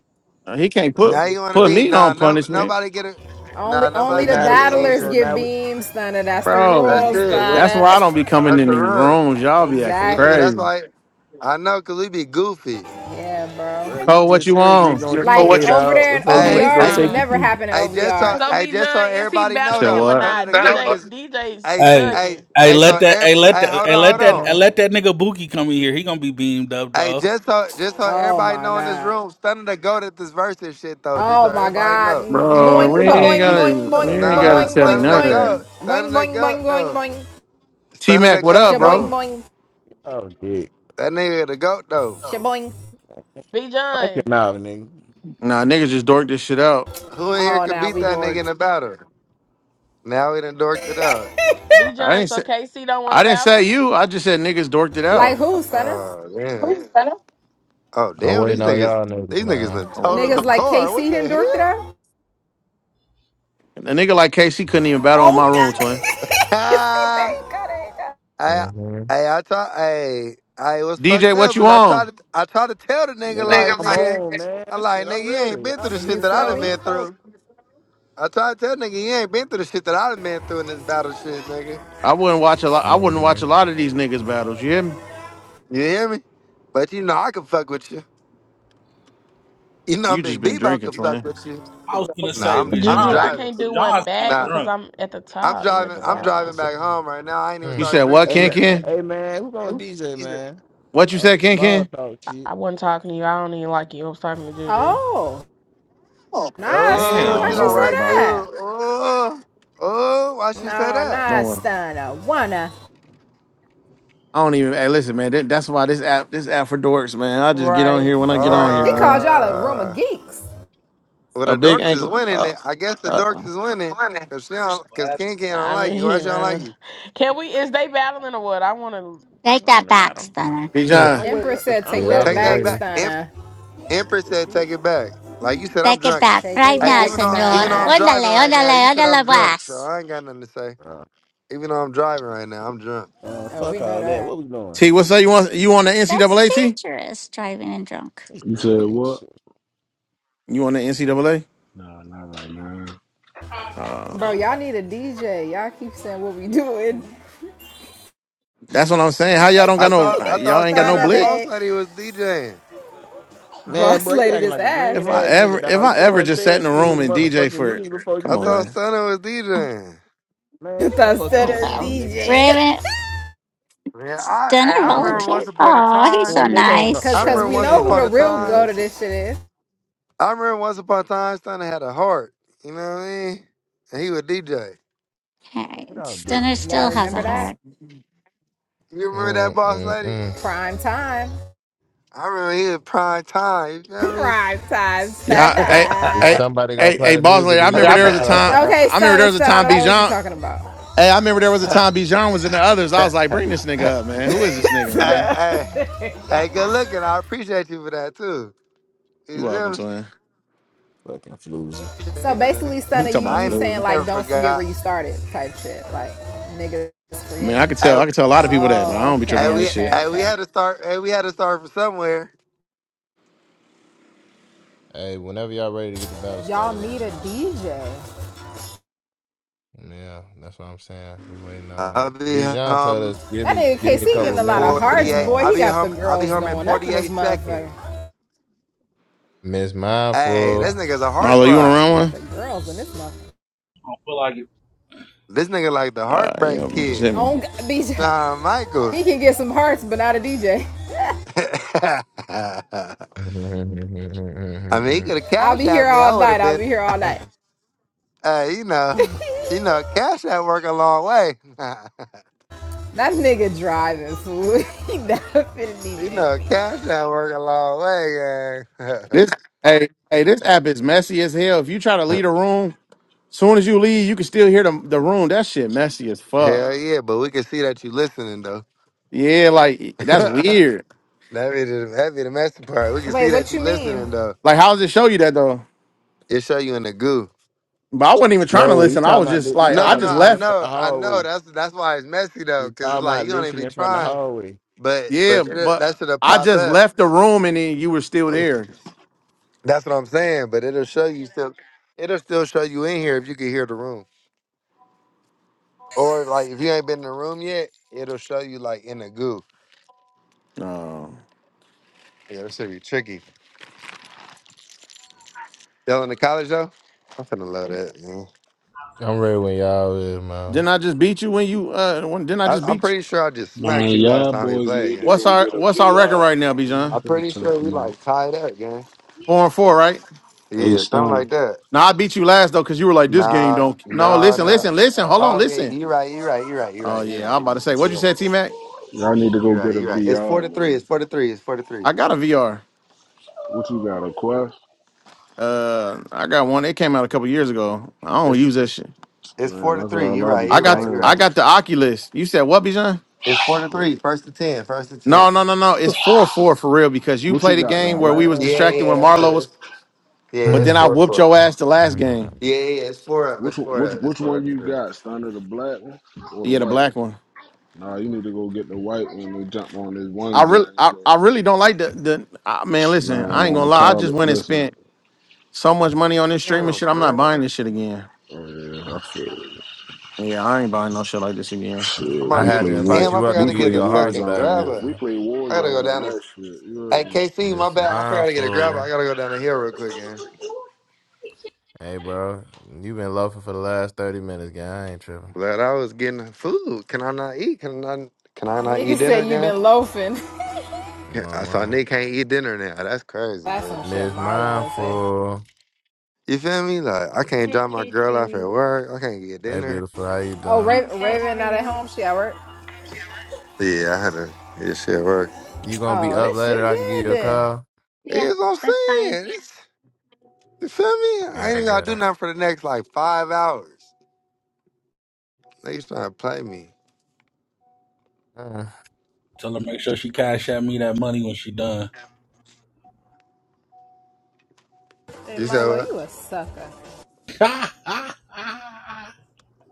Speaker 11: Uh, he can't put
Speaker 2: Now you want to
Speaker 11: put
Speaker 4: So
Speaker 2: bean?
Speaker 11: me
Speaker 2: Nah,
Speaker 11: on
Speaker 2: no,
Speaker 11: punishment,
Speaker 2: nobody get a,
Speaker 5: Only,
Speaker 2: nah,
Speaker 4: so
Speaker 5: only
Speaker 2: nobody
Speaker 5: the
Speaker 2: get a
Speaker 4: now
Speaker 2: bean in
Speaker 4: oh
Speaker 5: battlers
Speaker 4: so
Speaker 2: here.
Speaker 5: get
Speaker 4: now we,
Speaker 5: beams, Stunna. That's the
Speaker 11: bro.
Speaker 2: That's
Speaker 5: rules,
Speaker 4: so
Speaker 2: it.
Speaker 4: what
Speaker 11: That's
Speaker 5: Stunna.
Speaker 11: why I don't be coming
Speaker 2: That's
Speaker 11: in
Speaker 2: the
Speaker 11: these
Speaker 2: run.
Speaker 11: rooms. Y'all be acting
Speaker 2: Yeah,
Speaker 5: exactly.
Speaker 2: that's
Speaker 11: crazy.
Speaker 2: why. I know, cause we be goofy.
Speaker 5: Yeah, bro.
Speaker 4: bro you
Speaker 11: Cole, what
Speaker 4: just
Speaker 11: you
Speaker 4: said you was
Speaker 11: on?
Speaker 4: gonna
Speaker 5: Like
Speaker 4: DJ
Speaker 5: over
Speaker 4: dog
Speaker 5: there in
Speaker 4: before you
Speaker 2: Hey,
Speaker 4: went
Speaker 7: Hey,
Speaker 4: to
Speaker 5: OVR,
Speaker 4: go
Speaker 5: this
Speaker 2: I,
Speaker 5: would
Speaker 4: take your
Speaker 7: Simon.
Speaker 5: never
Speaker 4: PJ.
Speaker 5: happen in
Speaker 2: I just so,
Speaker 5: OVR.
Speaker 1: So
Speaker 2: I
Speaker 1: B
Speaker 2: just so
Speaker 1: John, is he
Speaker 2: everybody
Speaker 11: You
Speaker 2: know
Speaker 11: said
Speaker 1: battling
Speaker 2: though.
Speaker 1: him or
Speaker 11: what,
Speaker 2: Stunner
Speaker 1: not?
Speaker 2: the goat
Speaker 1: DJ
Speaker 2: is,
Speaker 1: DJ's
Speaker 2: hey,
Speaker 8: Hey.
Speaker 2: hey,
Speaker 1: ducking.
Speaker 8: Hey,
Speaker 2: hey. So
Speaker 8: let that hey
Speaker 2: everybody,
Speaker 8: let
Speaker 2: hey,
Speaker 8: that
Speaker 2: hold
Speaker 8: hey
Speaker 2: on,
Speaker 8: let
Speaker 2: hold
Speaker 8: that
Speaker 2: on.
Speaker 8: hey,
Speaker 4: Man,
Speaker 8: let that nigga Buki come in here. He gonna be beamed up
Speaker 2: Hey,
Speaker 8: dog.
Speaker 2: just so, just so
Speaker 5: Oh
Speaker 2: everybody
Speaker 5: my
Speaker 2: know in this
Speaker 5: god.
Speaker 2: room, Stunner the goat at this versus shit though. Just so
Speaker 5: Oh my
Speaker 2: everybody
Speaker 5: god.
Speaker 2: know.
Speaker 11: bro?
Speaker 4: man,
Speaker 5: Boing,
Speaker 11: We
Speaker 4: get
Speaker 5: ba
Speaker 4: off
Speaker 11: ain't
Speaker 5: boing,
Speaker 4: dick.
Speaker 11: gotta,
Speaker 5: boing,
Speaker 4: Shut
Speaker 11: we
Speaker 4: up,
Speaker 5: boing,
Speaker 11: ain't
Speaker 5: ba
Speaker 4: nigga.
Speaker 11: gotta
Speaker 2: Nah,
Speaker 5: boing,
Speaker 11: tell me
Speaker 2: stunning
Speaker 5: boing,
Speaker 11: none
Speaker 2: the
Speaker 11: of that.
Speaker 5: boing.
Speaker 2: goat.
Speaker 5: Boing,
Speaker 2: Stunning the
Speaker 5: boing,
Speaker 2: goat
Speaker 5: boing, boing,
Speaker 2: though.
Speaker 5: boing.
Speaker 11: T
Speaker 2: Stunning
Speaker 11: Mac,
Speaker 2: the
Speaker 4: Get
Speaker 11: what
Speaker 2: goat
Speaker 11: up,
Speaker 5: Shaboing,
Speaker 11: bro?
Speaker 2: though.
Speaker 5: boing,
Speaker 4: off dick.
Speaker 2: That nigga the goat though.
Speaker 5: shaboing.
Speaker 1: B
Speaker 4: Wipe your
Speaker 1: John.
Speaker 4: mouth, nigga.
Speaker 11: Nah, niggas just dorked this shit out.
Speaker 2: Who in here
Speaker 5: Oh,
Speaker 2: could
Speaker 5: now
Speaker 2: beat
Speaker 5: we
Speaker 2: that nigga in
Speaker 5: dorked.
Speaker 2: a battle? Now we done dorked it out.
Speaker 1: B
Speaker 11: I
Speaker 1: John,
Speaker 11: didn't
Speaker 1: so
Speaker 11: say,
Speaker 1: KC don't want to
Speaker 11: I didn't say
Speaker 1: battle?
Speaker 11: you. I just said niggas dorked it
Speaker 5: Like
Speaker 11: out.
Speaker 5: who, Stunner?
Speaker 2: Oh damn.
Speaker 10: then.
Speaker 2: Oh
Speaker 3: I'm
Speaker 2: damn, these
Speaker 3: waiting on
Speaker 2: niggas
Speaker 3: y'all niggas,
Speaker 2: these niggas
Speaker 3: man.
Speaker 2: done
Speaker 11: Come on,
Speaker 2: totaled
Speaker 5: Niggas
Speaker 2: the
Speaker 11: twin.
Speaker 5: like
Speaker 2: car. What
Speaker 5: KC done
Speaker 2: the
Speaker 5: dorked it
Speaker 2: hell?
Speaker 5: out?
Speaker 11: A nigga like Casey couldn't even battle on
Speaker 5: Oh,
Speaker 11: my
Speaker 5: God.
Speaker 11: room, twin.
Speaker 5: you see, there
Speaker 2: Ah,
Speaker 5: you go, there you go.
Speaker 2: I
Speaker 3: hmm
Speaker 2: I I try I I was
Speaker 11: DJ,
Speaker 2: fucked up
Speaker 11: what you
Speaker 2: because I
Speaker 11: on?
Speaker 2: tried to I tried to tell the nigga
Speaker 4: Nigga, I,
Speaker 2: like
Speaker 4: I'm
Speaker 2: nigga
Speaker 4: on, man.
Speaker 2: I like
Speaker 4: Shit, I'm
Speaker 2: nigga you ain't
Speaker 4: ready.
Speaker 2: been through
Speaker 4: Y'all
Speaker 2: the
Speaker 4: niggas
Speaker 2: shit
Speaker 5: You
Speaker 4: just
Speaker 2: that I
Speaker 5: feel
Speaker 2: done
Speaker 4: stalling
Speaker 5: me?
Speaker 2: been
Speaker 4: and talking,
Speaker 2: through. I tried to tell nigga you ain't been through the shit that I done been through in this battle shit, nigga.
Speaker 11: I wouldn't watch a lot. I wouldn't
Speaker 3: hmm
Speaker 11: watch a lot of these niggas battles. You hear me?
Speaker 2: You hear me? But you know I can fuck with you. You know
Speaker 11: You just
Speaker 2: Big
Speaker 11: been
Speaker 2: Bebo
Speaker 11: drinking,
Speaker 2: can fuck
Speaker 11: Twin.
Speaker 2: with you.
Speaker 8: I was gonna
Speaker 2: Nah,
Speaker 8: say
Speaker 2: I'm I'm
Speaker 1: Juju,
Speaker 8: Bijan
Speaker 3: hmm
Speaker 1: I
Speaker 8: been
Speaker 2: driving.
Speaker 1: can't do one
Speaker 8: Bijan's kind of
Speaker 1: back
Speaker 2: Nah,
Speaker 1: because
Speaker 8: drunk.
Speaker 1: I'm at the
Speaker 2: I'm
Speaker 1: top. You're at
Speaker 2: driving.
Speaker 1: the
Speaker 2: I'm
Speaker 4: man.
Speaker 1: bottom.
Speaker 2: driving
Speaker 4: What's up?
Speaker 2: back home right now. I ain't even
Speaker 11: You
Speaker 3: Mm.
Speaker 2: started
Speaker 11: said what,
Speaker 4: Hey,
Speaker 2: drinking
Speaker 11: Ken
Speaker 4: man,
Speaker 2: yet.
Speaker 11: Ken?
Speaker 4: hey, man who gonna DJ, man?
Speaker 11: What you
Speaker 4: All
Speaker 11: said,
Speaker 4: this
Speaker 11: Ken
Speaker 4: small
Speaker 11: Ken?
Speaker 4: talk
Speaker 1: I,
Speaker 4: shit.
Speaker 1: I wasn't talking to you. I don't even like you. I was talking to Juju.
Speaker 5: Oh, nah, Stunner,
Speaker 2: Oh,
Speaker 11: Oh,
Speaker 5: why
Speaker 2: she
Speaker 8: Damn.
Speaker 11: don't
Speaker 5: she
Speaker 2: don't
Speaker 11: worry
Speaker 5: say
Speaker 2: like
Speaker 11: about
Speaker 2: you.
Speaker 11: it.
Speaker 5: that?
Speaker 2: Oh, oh, why she say
Speaker 5: No,
Speaker 2: that?
Speaker 11: Don't
Speaker 5: nah,
Speaker 11: worry.
Speaker 5: Stunner, wanna.
Speaker 11: I don't even. Hey, listen, man. that- That's why this app, this app for dorks, man. I just get on
Speaker 1: Right,
Speaker 11: here when I get on here,
Speaker 1: right.
Speaker 5: He called
Speaker 11: man.
Speaker 5: y'all a room of
Speaker 2: Uh,
Speaker 5: geeks.
Speaker 2: well
Speaker 11: A
Speaker 2: the
Speaker 11: big
Speaker 2: dorks is
Speaker 11: ankle.
Speaker 2: winning.
Speaker 11: Uh,
Speaker 2: It. I guess the
Speaker 11: uh.
Speaker 2: dorks is winning. Cause she don't, cause King King don't
Speaker 1: I
Speaker 2: like you.
Speaker 1: mean,
Speaker 2: Why
Speaker 1: you
Speaker 2: she don't like
Speaker 1: know. Can we is they battling or what? I wanna
Speaker 9: Take
Speaker 1: I
Speaker 9: that
Speaker 1: wanna
Speaker 9: back,
Speaker 1: battle.
Speaker 9: Stunner.
Speaker 11: Hey,
Speaker 2: you?
Speaker 4: Man,
Speaker 11: John.
Speaker 4: I'm waiting.
Speaker 5: Empress said,
Speaker 4: I'm
Speaker 5: take
Speaker 3: Yeah, I've
Speaker 5: that
Speaker 4: ready,
Speaker 2: Take
Speaker 3: been
Speaker 2: that
Speaker 5: back,
Speaker 4: shit.
Speaker 3: waiting.
Speaker 2: back.
Speaker 5: Stunner.
Speaker 2: Empress
Speaker 4: It's
Speaker 2: said,
Speaker 4: good.
Speaker 2: "Take it back." Like you said, I'm
Speaker 9: Take it
Speaker 2: drunk.
Speaker 9: back
Speaker 5: Take
Speaker 9: right
Speaker 5: it
Speaker 2: Hey,
Speaker 9: now,
Speaker 5: back,
Speaker 2: even though
Speaker 9: senor.
Speaker 2: even though I'm
Speaker 5: Stunner.
Speaker 2: driving
Speaker 9: Ondale,
Speaker 2: right now, you
Speaker 9: ondale,
Speaker 2: said I'm
Speaker 9: ondale,
Speaker 2: drunk, so
Speaker 9: boss.
Speaker 2: I ain't got nothing to say. Even though I'm driving right now, I'm drunk.
Speaker 4: Man,
Speaker 5: Oh, we
Speaker 4: fuck
Speaker 5: know
Speaker 4: all that.
Speaker 5: that.
Speaker 4: What we doing?
Speaker 11: T, what's up? You want you on the
Speaker 9: That's
Speaker 11: NCAA? T,
Speaker 9: dangerous, driving and drunk.
Speaker 4: This
Speaker 12: You said
Speaker 4: damn
Speaker 12: what?
Speaker 4: shit.
Speaker 11: you on the NCAA?
Speaker 12: Nah, not right now.
Speaker 11: Uh,
Speaker 5: Bro, y'all need a DJ. Y'all keep saying what we doing.
Speaker 11: that's what I'm saying. How y'all don't
Speaker 2: I
Speaker 11: got no?
Speaker 2: thought
Speaker 11: uh,
Speaker 2: I
Speaker 11: Y'all
Speaker 2: thought
Speaker 11: ain't got no
Speaker 2: Stunner and
Speaker 11: blick.
Speaker 2: Boss
Speaker 5: Saturday.
Speaker 2: Lady was DJing.
Speaker 4: Man,
Speaker 5: Boss
Speaker 4: bro, you
Speaker 5: lady
Speaker 4: acting
Speaker 5: this
Speaker 4: like a
Speaker 5: ass.
Speaker 11: If
Speaker 4: green
Speaker 11: I
Speaker 4: ass
Speaker 11: ever,
Speaker 4: nigga,
Speaker 11: if
Speaker 4: dog.
Speaker 11: I
Speaker 4: You the
Speaker 11: ever
Speaker 4: one
Speaker 11: just sat
Speaker 4: said
Speaker 11: in a
Speaker 4: send you
Speaker 11: room
Speaker 4: the
Speaker 11: and DJ
Speaker 4: motherfucking
Speaker 11: for,
Speaker 4: music before you
Speaker 11: come
Speaker 2: I
Speaker 11: on,
Speaker 2: thought
Speaker 4: left.
Speaker 11: man.
Speaker 2: Stunner was DJing.
Speaker 4: Man, get the fuck
Speaker 5: instead
Speaker 4: on
Speaker 5: of
Speaker 9: Well,
Speaker 4: playing,
Speaker 5: DJ.
Speaker 9: Raven,
Speaker 2: Yeah, I
Speaker 9: Stunner
Speaker 2: I
Speaker 4: nigga.
Speaker 2: remember once
Speaker 9: volunteered.
Speaker 2: upon a
Speaker 9: Oh, he's
Speaker 2: time.
Speaker 9: so
Speaker 4: Man, nigga ain't on,
Speaker 9: nice.
Speaker 2: I
Speaker 5: Cause
Speaker 4: bruh,
Speaker 5: cause
Speaker 2: remember
Speaker 5: we
Speaker 4: Nigga
Speaker 2: once
Speaker 5: know
Speaker 4: ain't
Speaker 5: who
Speaker 4: on
Speaker 5: the
Speaker 2: upon a
Speaker 4: that
Speaker 5: real
Speaker 4: fucking
Speaker 2: time.
Speaker 5: go
Speaker 4: ass
Speaker 5: to
Speaker 4: shit.
Speaker 5: this shit is.
Speaker 2: I remember once upon a time Stunner had a heart. You know what I mean? And he was DJ.
Speaker 9: Hey,
Speaker 4: Get out, dick,
Speaker 9: Stunner
Speaker 5: Y'all
Speaker 9: still
Speaker 4: man.
Speaker 9: has a
Speaker 5: remember that?
Speaker 9: heart.
Speaker 2: You remember that boss lady?
Speaker 3: Mm-mm-mm.
Speaker 5: Prime time.
Speaker 2: I remember he was prime time. You
Speaker 5: Prime time
Speaker 11: Yeah,
Speaker 2: feel
Speaker 11: hey,
Speaker 2: me?
Speaker 3: If
Speaker 5: Stunna.
Speaker 11: hey,
Speaker 3: somebody gonna
Speaker 11: hey,
Speaker 3: play
Speaker 11: hey,
Speaker 3: the
Speaker 11: boss
Speaker 3: music,
Speaker 11: lady.
Speaker 3: or
Speaker 11: I
Speaker 3: we
Speaker 2: hey,
Speaker 3: gonna
Speaker 11: remember there
Speaker 3: keep
Speaker 11: was a time.
Speaker 3: talking.
Speaker 5: Okay,
Speaker 11: I remember there
Speaker 5: Stunna,
Speaker 11: was a
Speaker 5: Stunna, I
Speaker 11: time
Speaker 5: don't know what you're
Speaker 11: Bijan.
Speaker 5: talking about.
Speaker 11: Hey, I remember there was a time Bijan was in the others. I was like, bring this nigga up, man. Who is this nigga, man?
Speaker 2: hey,
Speaker 5: Yeah.
Speaker 2: hey, good looking. I appreciate you for that too.
Speaker 11: You
Speaker 2: You
Speaker 11: welcome
Speaker 2: feel
Speaker 11: to him.
Speaker 4: Fucking floozy.
Speaker 5: so
Speaker 2: me?
Speaker 5: basically,
Speaker 11: We
Speaker 5: Stunna,
Speaker 11: talking
Speaker 5: you
Speaker 11: about
Speaker 2: I
Speaker 5: you
Speaker 2: ain't
Speaker 5: saying
Speaker 11: fluid.
Speaker 5: like
Speaker 2: never
Speaker 5: don't forget where
Speaker 2: forgot.
Speaker 5: you started type shit. Like niggas
Speaker 11: I mean, I
Speaker 5: forget.
Speaker 11: could tell.
Speaker 2: Hey,
Speaker 11: I could tell a lot of people that, but I
Speaker 5: Oh,
Speaker 11: don't be tripping
Speaker 2: hey,
Speaker 5: okay,
Speaker 11: on
Speaker 2: we,
Speaker 11: this
Speaker 5: okay,
Speaker 11: shit.
Speaker 2: hey, we
Speaker 5: okay.
Speaker 2: had to start. Hey, we had to start from somewhere.
Speaker 3: Hey, whenever y'all ready to get the battle
Speaker 5: Y'all
Speaker 3: started, let
Speaker 5: need
Speaker 3: me
Speaker 5: a
Speaker 3: know, man.
Speaker 5: DJ.
Speaker 3: Yeah, that's what I'm saying. We waiting
Speaker 2: I'll
Speaker 3: on
Speaker 2: be
Speaker 3: Bijan told
Speaker 2: home
Speaker 3: us Give
Speaker 5: That
Speaker 3: me,
Speaker 5: nigga
Speaker 3: give me a
Speaker 5: KC
Speaker 3: couple
Speaker 5: getting
Speaker 2: in
Speaker 3: of
Speaker 5: a lot of
Speaker 3: minutes, and
Speaker 5: hearts,
Speaker 2: forty-eight.
Speaker 5: boy.
Speaker 3: now.
Speaker 2: I'll
Speaker 5: He
Speaker 2: be
Speaker 5: got the
Speaker 2: home. I'll be
Speaker 5: girls
Speaker 2: home in
Speaker 5: going up in this
Speaker 2: forty-eight
Speaker 5: motherfucker.
Speaker 2: seconds.
Speaker 3: Miss
Speaker 2: Hey,
Speaker 5: He
Speaker 3: Mindful.
Speaker 2: this
Speaker 5: got
Speaker 2: nigga's a
Speaker 11: Marlo, you want to
Speaker 2: heartthrob.
Speaker 11: run
Speaker 5: he got
Speaker 11: one?
Speaker 5: the girls in this motherfucker.
Speaker 8: I don't feel like it.
Speaker 2: This nigga like the
Speaker 11: Uh, you
Speaker 2: heartbreak
Speaker 11: know, just
Speaker 2: kid,
Speaker 11: hit me.
Speaker 5: Oh, DJ.
Speaker 2: Shawn Michaels.
Speaker 5: He can get some hearts, but not a DJ.
Speaker 2: I mean, he could have
Speaker 5: I'll
Speaker 2: cashed
Speaker 5: be here
Speaker 2: at me.
Speaker 5: all
Speaker 2: I would have
Speaker 5: night. I'll be
Speaker 2: been.
Speaker 5: here all night.
Speaker 2: Hey, you know, you know, cash that work a long way.
Speaker 5: That nigga driving, fool. He not finna
Speaker 2: you
Speaker 5: DJ
Speaker 2: know,
Speaker 5: for you.
Speaker 2: cash that work a long way, gang.
Speaker 11: This, hey, hey, this app is messy as hell. If you try to leave a room, soon as you leave, you can still hear the the room. That shit messy as fuck.
Speaker 2: Hell yeah, but we can see that you listening though.
Speaker 11: Yeah, like that's
Speaker 2: that
Speaker 11: weird.
Speaker 2: be the that be the messy part. We can
Speaker 5: Wait,
Speaker 2: see that
Speaker 5: what
Speaker 2: you
Speaker 5: you mean?
Speaker 2: listening though.
Speaker 11: Like, how does it show you that though?
Speaker 2: It show you in the goo.
Speaker 11: But I wasn't even trying to
Speaker 4: No, you
Speaker 11: listen. I
Speaker 4: talking
Speaker 11: was
Speaker 4: about
Speaker 11: just
Speaker 4: li- you
Speaker 11: like,
Speaker 4: talking
Speaker 11: I
Speaker 2: No,
Speaker 4: about
Speaker 2: no,
Speaker 11: just
Speaker 2: I
Speaker 4: listening in
Speaker 11: left.
Speaker 4: front of the
Speaker 2: know, I know.
Speaker 4: hallway.
Speaker 2: That's that's why it's messy though,
Speaker 4: You
Speaker 2: cause it's
Speaker 4: talking
Speaker 2: like
Speaker 4: about
Speaker 2: you don't even be
Speaker 4: listening in front of the
Speaker 2: trying,
Speaker 4: hallway.
Speaker 2: but
Speaker 11: Yeah,
Speaker 2: but it,
Speaker 11: but
Speaker 2: that should have
Speaker 11: I
Speaker 2: pop
Speaker 11: just
Speaker 2: up.
Speaker 11: left the room and then you were still there.
Speaker 2: That's what I'm saying. But it'll show you still. It'll still show you in here if you can hear the room. Or like if you ain't been in the room yet, it'll show you like in the goo.
Speaker 11: Uh,
Speaker 2: Yeah, that's gonna be tricky. Y'all in the college though? I'm finna love that. Man.
Speaker 3: I'm ready when y'all is, man.
Speaker 11: didn't I just beat you when you uh when didn't I
Speaker 2: I,
Speaker 11: just
Speaker 2: I'm
Speaker 11: beat you?
Speaker 2: pretty sure I just
Speaker 12: Man,
Speaker 2: smacked you last
Speaker 12: y'all
Speaker 2: time we
Speaker 12: boys
Speaker 2: played,
Speaker 12: need to
Speaker 2: gang.
Speaker 11: What's
Speaker 12: go
Speaker 11: our
Speaker 12: get a
Speaker 11: what's our record
Speaker 12: VR,
Speaker 11: right now,
Speaker 12: man.
Speaker 2: I'm
Speaker 11: Bijan?
Speaker 12: What y'all
Speaker 2: pretty sure we
Speaker 12: talking about?
Speaker 2: like tied up, gang.
Speaker 11: Four and four, right?
Speaker 12: Hey,
Speaker 2: Yeah, something
Speaker 12: Stunner,
Speaker 2: like that.
Speaker 11: Now I beat you last though, because you were like, this game
Speaker 2: Nah,
Speaker 11: don't no
Speaker 4: Man,
Speaker 2: nah,
Speaker 11: listen,
Speaker 2: nah.
Speaker 4: fuck
Speaker 11: listen, listen, hold
Speaker 4: no.
Speaker 11: on,
Speaker 2: Oh yeah,
Speaker 11: listen.
Speaker 2: you right, you right, you right, you
Speaker 11: Oh
Speaker 2: right, you
Speaker 11: yeah,
Speaker 2: right,
Speaker 11: I'm
Speaker 2: you
Speaker 11: about
Speaker 2: right,
Speaker 11: to say what
Speaker 2: you
Speaker 11: you
Speaker 2: right,
Speaker 11: said, T Mac?
Speaker 12: y'all need to
Speaker 2: you
Speaker 12: go
Speaker 2: right.
Speaker 12: get a
Speaker 2: you right. It's four to
Speaker 12: VR,
Speaker 2: three. It's
Speaker 12: man.
Speaker 2: four to three. It's four to three.
Speaker 11: I got a VR.
Speaker 12: What you got, a Quest?
Speaker 11: Uh I got one. It came out a couple years ago. I don't
Speaker 2: It's
Speaker 11: use that shit.
Speaker 2: it's
Speaker 12: Man,
Speaker 2: four to
Speaker 12: that's
Speaker 2: three.
Speaker 12: all
Speaker 2: You
Speaker 12: I be
Speaker 2: right,
Speaker 11: I
Speaker 2: you
Speaker 11: got
Speaker 2: right,
Speaker 11: the,
Speaker 2: you
Speaker 11: I
Speaker 2: right.
Speaker 12: playing.
Speaker 11: got the Oculus. You said what, Bijan?
Speaker 2: It's four to three. First to ten. First to ten.
Speaker 11: No, no, no, no. It's four four for real because you
Speaker 12: What you
Speaker 11: played a
Speaker 12: got,
Speaker 4: Man,
Speaker 12: the
Speaker 11: game
Speaker 4: y'all
Speaker 11: where
Speaker 4: done
Speaker 11: we
Speaker 12: black
Speaker 11: was
Speaker 12: one?
Speaker 2: Yeah,
Speaker 4: ran
Speaker 2: yeah,
Speaker 4: motherfuckers
Speaker 11: distracted
Speaker 2: yeah,
Speaker 11: when
Speaker 2: that's
Speaker 4: by
Speaker 11: Marlo
Speaker 2: true.
Speaker 11: was,
Speaker 2: Yeah,
Speaker 11: but
Speaker 2: it's
Speaker 11: then I
Speaker 2: four
Speaker 11: whooped
Speaker 2: four.
Speaker 11: your ass the last game.
Speaker 2: Yeah, yeah, yeah, it's four up. It's
Speaker 12: Which one-
Speaker 2: four
Speaker 12: which
Speaker 2: up. It's
Speaker 12: which
Speaker 2: four up.
Speaker 12: one you
Speaker 2: Sure.
Speaker 12: got, Stunner? The black one or the
Speaker 11: Yeah, the
Speaker 12: white
Speaker 11: black
Speaker 12: one?
Speaker 11: one.
Speaker 12: Nah, you need to go get the white one and jump on this
Speaker 11: I
Speaker 12: one
Speaker 11: really,
Speaker 12: game
Speaker 11: I,
Speaker 12: with
Speaker 11: I
Speaker 12: us.
Speaker 11: really don't like the the. I, man, listen,
Speaker 12: Man,
Speaker 11: I ain't
Speaker 12: on
Speaker 11: gonna
Speaker 12: the
Speaker 11: lie. I just
Speaker 12: call,
Speaker 11: went and
Speaker 12: listen.
Speaker 11: spent so much money on this streaming
Speaker 2: Damn,
Speaker 11: shit. I'm not
Speaker 2: man.
Speaker 11: buying this shit again.
Speaker 12: Oh, yeah, I feel it.
Speaker 11: Yeah, I ain't buying no shit like this again.
Speaker 2: I'm
Speaker 12: Shit,
Speaker 2: about
Speaker 3: I
Speaker 2: to
Speaker 12: we
Speaker 2: get.
Speaker 3: had
Speaker 12: play
Speaker 3: to invite
Speaker 2: Damn,
Speaker 12: war.
Speaker 2: I
Speaker 3: you up to
Speaker 2: forgot
Speaker 12: We
Speaker 2: to
Speaker 3: give you
Speaker 12: play
Speaker 2: get a
Speaker 3: your hearts
Speaker 2: fucking
Speaker 12: Warzone
Speaker 3: back,
Speaker 12: on.
Speaker 2: grabber.
Speaker 12: We
Speaker 3: beautiful.
Speaker 12: play
Speaker 2: I gotta go
Speaker 12: Warzone
Speaker 2: down
Speaker 12: and
Speaker 2: this.
Speaker 12: that shit. You
Speaker 2: Hey,
Speaker 12: heard me?
Speaker 2: KC, my
Speaker 3: Miss
Speaker 2: bad. I forgot to get a grabber.
Speaker 3: Mindful.
Speaker 2: I gotta go down the hill real quick, gang.
Speaker 3: Hey, bro. you been loafing for the last 30 minutes, gang. I ain't tripping.
Speaker 2: But I was getting food. Can I not eat? Can I? Not, can I not eat
Speaker 5: Nigga said
Speaker 2: dinner,
Speaker 5: you
Speaker 2: gang?
Speaker 5: been loafing.
Speaker 3: My
Speaker 2: Can, I saw
Speaker 3: mama.
Speaker 2: Nick can't eat dinner now. That's crazy,
Speaker 5: That's some
Speaker 2: man.
Speaker 5: shit
Speaker 3: Miss
Speaker 5: Marlo would say.
Speaker 3: Mindful.
Speaker 2: You feel me? Like I can't
Speaker 13: Hey,
Speaker 2: drop my girl off
Speaker 13: Casey.
Speaker 2: at work. I can't get
Speaker 3: Hey,
Speaker 2: dinner.
Speaker 3: beautiful. How you
Speaker 5: Oh,
Speaker 3: doing?
Speaker 13: I'm good.
Speaker 5: Raven,
Speaker 2: That's
Speaker 13: How
Speaker 5: Raven
Speaker 13: are
Speaker 5: not at
Speaker 13: you?
Speaker 5: home. She at work.
Speaker 2: yeah. I had to. Yeah, shit work.
Speaker 3: You gonna be
Speaker 5: Oh,
Speaker 3: up
Speaker 5: this
Speaker 3: later?
Speaker 5: shit
Speaker 3: I can give
Speaker 5: dead
Speaker 3: you a
Speaker 5: then.
Speaker 3: call?
Speaker 13: Yeah,
Speaker 2: Yes, I'm
Speaker 13: that's fine.
Speaker 2: saying. You feel me?
Speaker 3: All
Speaker 2: I
Speaker 3: right,
Speaker 2: ain't gotta do
Speaker 3: bro.
Speaker 2: nothing for the next like five hours. Niggas trying to play me.
Speaker 3: Mm,
Speaker 8: Tell her make sure she cash at me that money when she done.
Speaker 5: Hey,
Speaker 2: You said
Speaker 5: Marlo, you a
Speaker 2: what?
Speaker 5: sucker.
Speaker 8: Why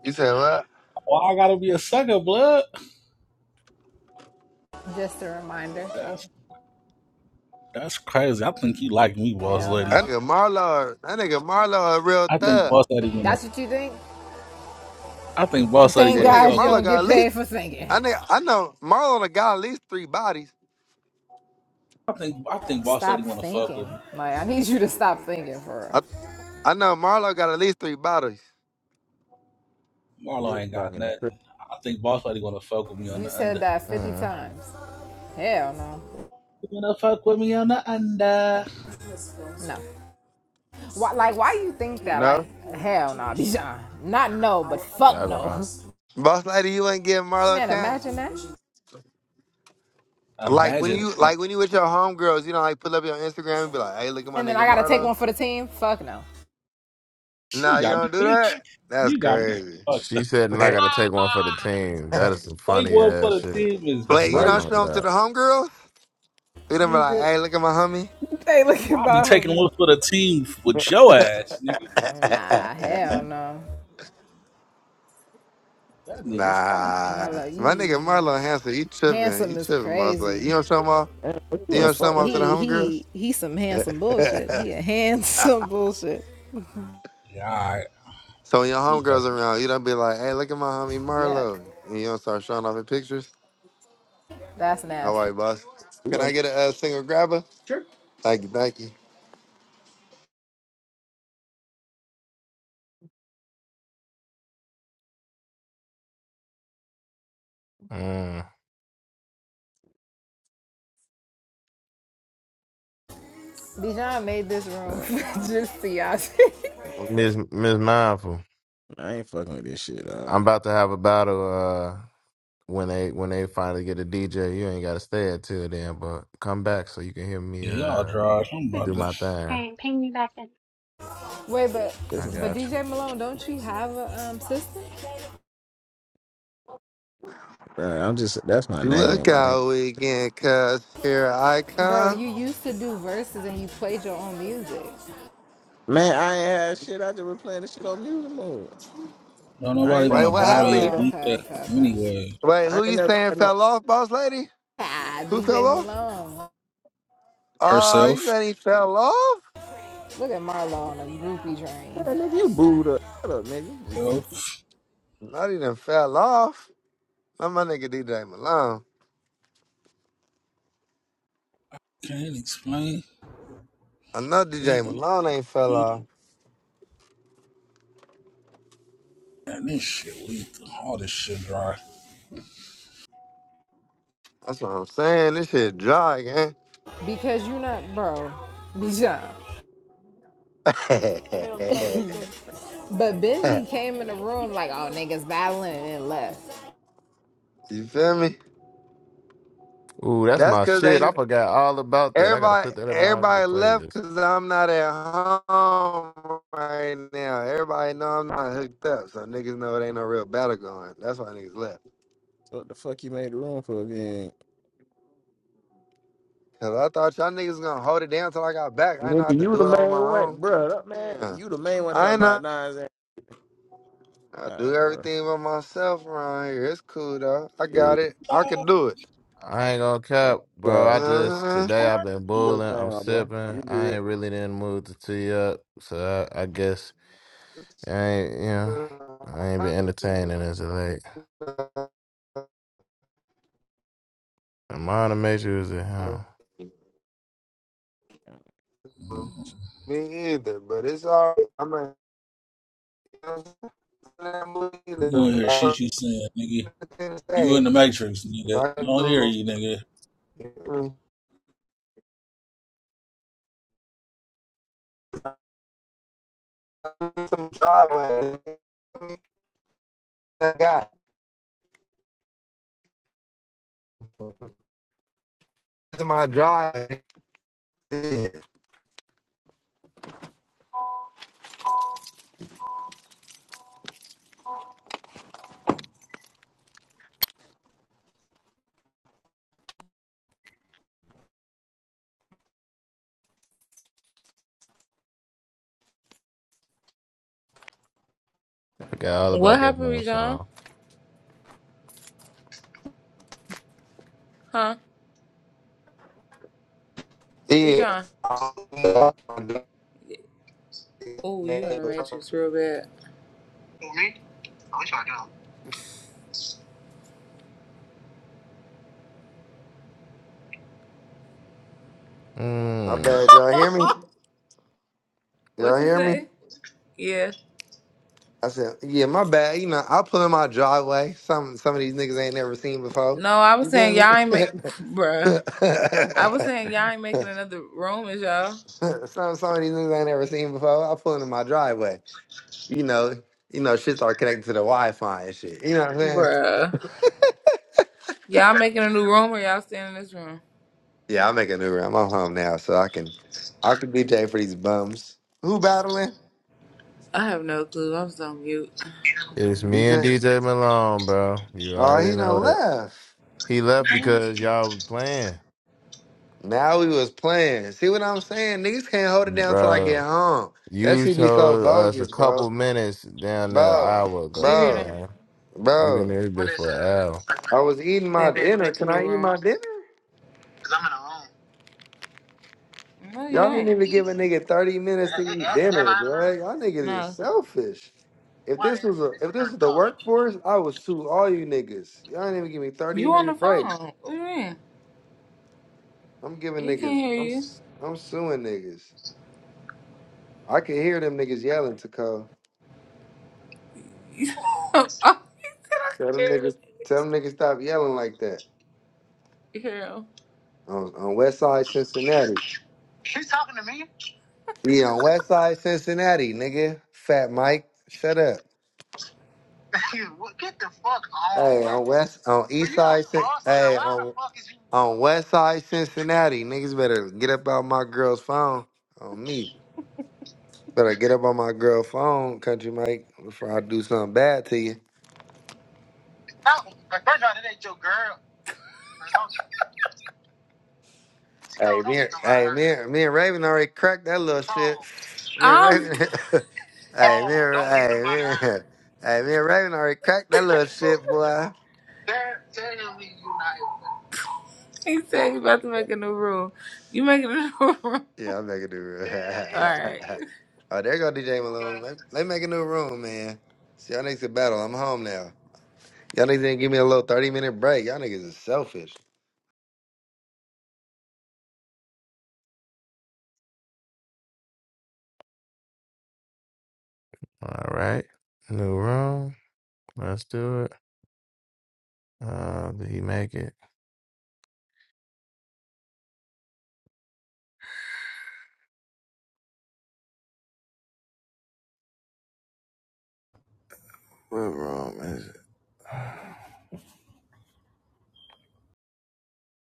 Speaker 2: You said what?
Speaker 8: I gotta be a sucker, blood?
Speaker 5: Just a reminder.
Speaker 8: That's that's crazy. I think he like me, boss
Speaker 5: Hell
Speaker 8: lady.
Speaker 2: That
Speaker 5: no.
Speaker 2: nigga Marlo, that nigga Marlo a real
Speaker 8: I think
Speaker 2: thug.
Speaker 8: boss lady gonna
Speaker 5: That's what you think?
Speaker 8: I think boss lady
Speaker 5: Thank
Speaker 8: would
Speaker 2: That
Speaker 8: have
Speaker 2: nigga
Speaker 5: God you
Speaker 8: fucked with.
Speaker 2: Marlo
Speaker 5: don't
Speaker 2: got
Speaker 5: get
Speaker 2: at least
Speaker 5: paid for thinking.
Speaker 2: I think I know Marlo done got at least three bodies.
Speaker 8: I think I think Boss Lady
Speaker 5: Stop
Speaker 8: wanna fuck
Speaker 5: thinking.
Speaker 8: with me.
Speaker 5: Like, I need you to stop thinking for
Speaker 2: I I know Marlo got at least three bodies.
Speaker 8: Marlo
Speaker 4: dick
Speaker 8: ain't got
Speaker 4: blocking the crib.
Speaker 8: nothing. I think Boss Lady wanna fuck with me
Speaker 5: real.
Speaker 8: on
Speaker 5: You
Speaker 8: the
Speaker 5: said
Speaker 8: under.
Speaker 5: that 50
Speaker 3: mm.
Speaker 5: times. Hell no.
Speaker 8: You wanna fuck with me on the under?
Speaker 5: No. Why, like, why you think that? Like,
Speaker 2: No?
Speaker 5: hell no, Bijan. Not no, but fuck
Speaker 3: Y'all gonna...
Speaker 5: no.
Speaker 2: Boss lady, you ain't giving Marlo a
Speaker 5: Man,
Speaker 2: chance.
Speaker 5: imagine that.
Speaker 2: Like when
Speaker 8: Imagine
Speaker 2: you
Speaker 8: that.
Speaker 2: like when you with your homegirls, you don't like pull up your Instagram and be like, hey, look at my
Speaker 5: And then I
Speaker 2: nigga
Speaker 5: gotta take
Speaker 2: Marlo.
Speaker 5: one for the team? Fuck no.
Speaker 2: Nah,
Speaker 8: You
Speaker 2: you
Speaker 8: got me,
Speaker 2: don't do
Speaker 8: bitch.
Speaker 2: that? That's
Speaker 8: You got me
Speaker 2: crazy.
Speaker 8: fucked
Speaker 3: She
Speaker 8: up.
Speaker 3: said, and I gotta take one for the team. That is some
Speaker 8: Take
Speaker 3: funny
Speaker 8: one
Speaker 3: ass
Speaker 8: for the
Speaker 3: shit.
Speaker 8: team is
Speaker 2: Wait, you
Speaker 3: Not
Speaker 8: break,
Speaker 2: don't
Speaker 3: gonna
Speaker 2: show them to the homegirls? We done be like,
Speaker 8: nigga.
Speaker 2: hey, look at my homie.
Speaker 5: Hey, look at
Speaker 8: I'll be
Speaker 5: my
Speaker 8: taking
Speaker 5: homie.
Speaker 8: one for the team with your ass, nigga. Before you take
Speaker 5: Nah,
Speaker 8: one for
Speaker 5: hell
Speaker 8: me,
Speaker 5: no.
Speaker 8: that nigga's crazy.
Speaker 5: And
Speaker 2: Nah,
Speaker 5: I love,
Speaker 2: my nigga
Speaker 5: you
Speaker 2: Marlon Hanson, he tripping.
Speaker 5: handsome
Speaker 2: He
Speaker 5: is
Speaker 2: tripping, boss. Like,
Speaker 5: crazy.
Speaker 2: you don't show him off.
Speaker 4: Man, what you
Speaker 2: You
Speaker 4: wanna
Speaker 2: don't
Speaker 5: He's
Speaker 2: show him
Speaker 4: fuck
Speaker 2: off to
Speaker 4: today?
Speaker 2: the
Speaker 5: he
Speaker 2: homegirls.
Speaker 5: he he's some handsome bullshit. He a handsome bullshit.
Speaker 8: Yeah, all right,
Speaker 2: so when your homegirls
Speaker 8: blueface.
Speaker 2: around, you don't be like, hey, look at my homie
Speaker 5: Yuck.
Speaker 2: Marlo. And you don't start showing off in pictures.
Speaker 5: That's
Speaker 2: How
Speaker 5: nasty.
Speaker 2: are you, boss?
Speaker 4: You
Speaker 2: Can I
Speaker 4: gonna,
Speaker 2: get a, uh single grabber? Thank you, thank you.
Speaker 3: lie.
Speaker 5: Dijon made this
Speaker 3: Mm.
Speaker 5: room just for y'all.
Speaker 3: Miss Miss Mindful.
Speaker 4: I ain't fucking with this shit, dog.
Speaker 3: I'm about to have a battle uh when they when they finally get a DJ. You ain't gotta stay at till then, but come back so you can hear me
Speaker 8: Yeah, y'all
Speaker 3: uh
Speaker 8: draws. I'm
Speaker 13: All
Speaker 3: do
Speaker 8: about to.
Speaker 3: my thing.
Speaker 13: right, ping me back in.
Speaker 5: Wait, but
Speaker 4: This
Speaker 3: I
Speaker 4: is
Speaker 5: but
Speaker 3: got you.
Speaker 5: DJ Malone, don't you have a um, system,
Speaker 4: bruh, I'm just that's my name,
Speaker 2: Look
Speaker 4: right?
Speaker 2: out weekend, cuz here I
Speaker 5: bro?
Speaker 2: come.
Speaker 5: You used to do verses and you played your own music.
Speaker 4: Man, I ain't had shit. I just been playing this shit on music mode.
Speaker 8: Don't
Speaker 4: I
Speaker 8: nobody
Speaker 4: ain't never
Speaker 8: want
Speaker 2: Wait,
Speaker 8: to
Speaker 2: what
Speaker 4: had
Speaker 8: battle
Speaker 4: no
Speaker 8: your
Speaker 2: happened?
Speaker 4: damn-
Speaker 5: Oh,
Speaker 8: weak
Speaker 5: okay,
Speaker 8: ass
Speaker 5: okay, okay.
Speaker 8: anyway.
Speaker 2: Wait,
Speaker 4: I
Speaker 2: who
Speaker 4: ain't
Speaker 2: you
Speaker 4: never
Speaker 2: saying
Speaker 4: had no
Speaker 2: fell off, boss lady?
Speaker 5: Ah,
Speaker 2: Who fell
Speaker 5: DJ
Speaker 2: off?
Speaker 5: Malone.
Speaker 2: Oh, you
Speaker 8: Herself.
Speaker 2: said he fell off?
Speaker 5: Look at Marlo on a groupie train
Speaker 4: man, nigga, you booed up. Shut up, nigga.
Speaker 8: Self.
Speaker 2: Not even fell off. Not my nigga DJ Malone.
Speaker 8: Can't explain.
Speaker 2: I know
Speaker 8: Man,
Speaker 2: DJ Malone ain't fell off.
Speaker 8: this shit weak. All this shit dry.
Speaker 2: That's what I'm saying. This shit dry, gang.
Speaker 5: because you not, bro. Bijan. But Benji came in the room like, oh, niggas battling and then left.
Speaker 2: you feel me?
Speaker 3: Ooh, that's
Speaker 2: That's
Speaker 3: my
Speaker 2: cause
Speaker 3: shit. I
Speaker 2: they
Speaker 3: forgot all about that. I gotta
Speaker 2: everybody
Speaker 3: put that in my other
Speaker 2: everybody left
Speaker 3: playlist.
Speaker 2: cause I'm not at home right now. Everybody know I'm not hooked up, so niggas know it ain't no real battle going. That's why niggas left.
Speaker 4: So what the fuck you made the room for again?
Speaker 2: Cause I thought y'all niggas gonna hold it down till I got back. I ain't know I
Speaker 4: Nigga,
Speaker 2: had to
Speaker 4: you
Speaker 2: do
Speaker 4: the
Speaker 2: it all on
Speaker 4: main
Speaker 2: my
Speaker 4: one,
Speaker 2: own.
Speaker 4: bro. That man,
Speaker 2: Yeah,
Speaker 4: you the main one
Speaker 2: I
Speaker 4: talking
Speaker 2: ain't know
Speaker 4: about nines.
Speaker 2: I
Speaker 4: All
Speaker 2: do
Speaker 4: right, bro.
Speaker 2: everything by myself around here. It's cool though. I
Speaker 4: Yeah.
Speaker 2: got it. I can
Speaker 8: You
Speaker 2: do it.
Speaker 3: I ain't gonna
Speaker 4: Nah, you
Speaker 3: cap, bro.
Speaker 4: good.
Speaker 3: I
Speaker 4: You
Speaker 3: just
Speaker 2: Uh-huh.
Speaker 3: today I've been
Speaker 4: Good
Speaker 3: bowling. I'm
Speaker 4: thing, my boy.
Speaker 3: sipping.
Speaker 4: You
Speaker 3: I ain't
Speaker 4: good.
Speaker 3: really in the mood to tee up, so I, I guess I ain't you know I ain't been entertaining as of late. The minor major is at home.
Speaker 2: Me either, but it's all right. I'm a I'm a leader,
Speaker 8: gonna
Speaker 2: but
Speaker 8: hear shit you saying,
Speaker 2: I'm
Speaker 8: nigga.
Speaker 2: in the
Speaker 8: You in the
Speaker 2: stage.
Speaker 8: Matrix,
Speaker 2: 'Cause
Speaker 8: nigga.
Speaker 2: I can
Speaker 8: Don't hear
Speaker 2: do
Speaker 8: you, nigga.
Speaker 2: it, some driveway. I got to my drive. Yeah.
Speaker 3: forgot all
Speaker 7: What
Speaker 3: about that
Speaker 7: happened,
Speaker 3: damn
Speaker 7: Bijan?
Speaker 3: song.
Speaker 7: Huh?
Speaker 2: Yeah.
Speaker 7: Bijan? Oh, you in the Matrix real bad. Me? I wish I
Speaker 2: My
Speaker 7: do.
Speaker 3: Mm,
Speaker 2: bad, y'all hear me?
Speaker 7: what
Speaker 2: Y'all
Speaker 7: you
Speaker 2: hear me?
Speaker 7: say? Yeah.
Speaker 2: I said, yeah, my bad. You know, I pull in my driveway. Some some of these niggas ain't never seen before.
Speaker 7: No, I was
Speaker 2: You feel
Speaker 7: saying
Speaker 2: me?
Speaker 7: y'all ain't make, bruh. I was saying y'all ain't making another room, is y'all?
Speaker 2: some some of these niggas ain't never seen before. I pull in my driveway. You know, you know, shit start connecting to the Wi Fi and shit. You know what I'm saying?
Speaker 7: Bruh. Y'all making a new room or y'all staying in this room?
Speaker 2: Yeah, I make a new room. I'm home now, so I can I can DJ for these bums. Who battling?
Speaker 7: I have no clue. I'm so mute.
Speaker 3: it's me and
Speaker 2: DJ.
Speaker 3: DJ Malone, bro. You
Speaker 2: Oh,
Speaker 3: already
Speaker 2: he
Speaker 3: know
Speaker 2: done
Speaker 3: it.
Speaker 2: left.
Speaker 3: He left because y'all was playing,
Speaker 2: Now we was playing. See what I'm saying? Niggas can't hold it down till I get
Speaker 3: bro.
Speaker 2: home. That
Speaker 3: You
Speaker 2: should be so
Speaker 3: told us a
Speaker 2: bogus,
Speaker 3: couple
Speaker 2: bro.
Speaker 3: minutes down there an
Speaker 2: Bro,
Speaker 3: hour
Speaker 7: You
Speaker 3: ago,
Speaker 7: hear them?
Speaker 2: bro,
Speaker 3: man. we have been
Speaker 2: bro.
Speaker 3: in
Speaker 7: What
Speaker 3: this bitch
Speaker 7: is it?
Speaker 3: for an hour.
Speaker 2: I was eating
Speaker 7: They
Speaker 2: my
Speaker 7: about to
Speaker 2: dinner.
Speaker 7: make a
Speaker 2: Can
Speaker 7: new
Speaker 2: I eat
Speaker 7: room.
Speaker 2: my dinner?
Speaker 7: Cause I'm in a room. No, you
Speaker 2: Y'all didn't
Speaker 7: ain't.
Speaker 2: even give a nigga 30 minutes to
Speaker 7: Yeah,
Speaker 2: eat
Speaker 7: yeah, Am
Speaker 2: dinner,
Speaker 7: I in a
Speaker 2: bro.
Speaker 7: room?
Speaker 2: Y'all niggas is
Speaker 7: No.
Speaker 2: selfish. If
Speaker 7: Why the
Speaker 2: this
Speaker 7: hell
Speaker 2: was
Speaker 7: did
Speaker 2: a
Speaker 7: you
Speaker 2: if
Speaker 7: think
Speaker 2: this
Speaker 7: heard
Speaker 2: was
Speaker 7: me
Speaker 2: the
Speaker 7: talking?
Speaker 2: workforce, I would sue all you niggas. Y'all didn't even give me 30
Speaker 7: You on the
Speaker 2: minute
Speaker 7: phone.
Speaker 2: break.
Speaker 7: What do you mean?
Speaker 2: I'm giving
Speaker 7: He can't
Speaker 2: niggas I'm
Speaker 7: hear
Speaker 2: s- I'm suing niggas. I can hear them niggas yelling, Taco.
Speaker 7: you. oh, he said I
Speaker 2: Tell
Speaker 7: can hear
Speaker 2: them
Speaker 7: him.
Speaker 2: niggas, tell them niggas stop yelling like that.
Speaker 7: Hear
Speaker 2: On, on West Side Cincinnati.
Speaker 7: He's talking to me?
Speaker 2: We on West Side Cincinnati, nigga. Fat Mike, shut up.
Speaker 7: What- Get the fuck on,
Speaker 2: Hey,
Speaker 7: bro.
Speaker 2: on West, on
Speaker 7: Bro,
Speaker 2: East
Speaker 7: you a
Speaker 2: Side, Cin-
Speaker 7: buster.
Speaker 2: hey,
Speaker 7: Why the
Speaker 2: on
Speaker 7: fuck is you...
Speaker 2: on West Side Cincinnati, niggas better get up out my girl's phone. On me, better get up on my girl's phone, Country Mike, before I do something bad to you.
Speaker 7: No, but first of all, that ain't your girl. It's cold.
Speaker 2: Hey,
Speaker 7: Don't
Speaker 2: me,
Speaker 7: get
Speaker 2: and-
Speaker 7: nobody
Speaker 2: hey,
Speaker 7: hurt.
Speaker 2: me, and- me and Raven already cracked that little
Speaker 7: It's
Speaker 2: shit.
Speaker 7: cold.
Speaker 2: Me and
Speaker 7: I'm
Speaker 2: Raven, hey, me,
Speaker 7: Cold.
Speaker 2: and,
Speaker 7: Don't get
Speaker 2: hey,
Speaker 7: nobody
Speaker 2: me,
Speaker 7: hurt.
Speaker 2: and- hey, me and Raven already cracked that little shit, boy.
Speaker 7: There, tell me you not helping. he said you about to make a new rule. You making a new rule. Tell him.
Speaker 2: Yeah, I'm making a new room.
Speaker 7: Alright.
Speaker 2: oh, there go DJ
Speaker 7: Okay.
Speaker 2: Malone. Let, let me make a new room, man. See, y'all niggas can battle. I'm home now. Y'all niggas didn't give me a little 30 minute break. Y'all niggas is selfish.
Speaker 3: All right, new room. Let's do it. Uh, did he make it? What room? is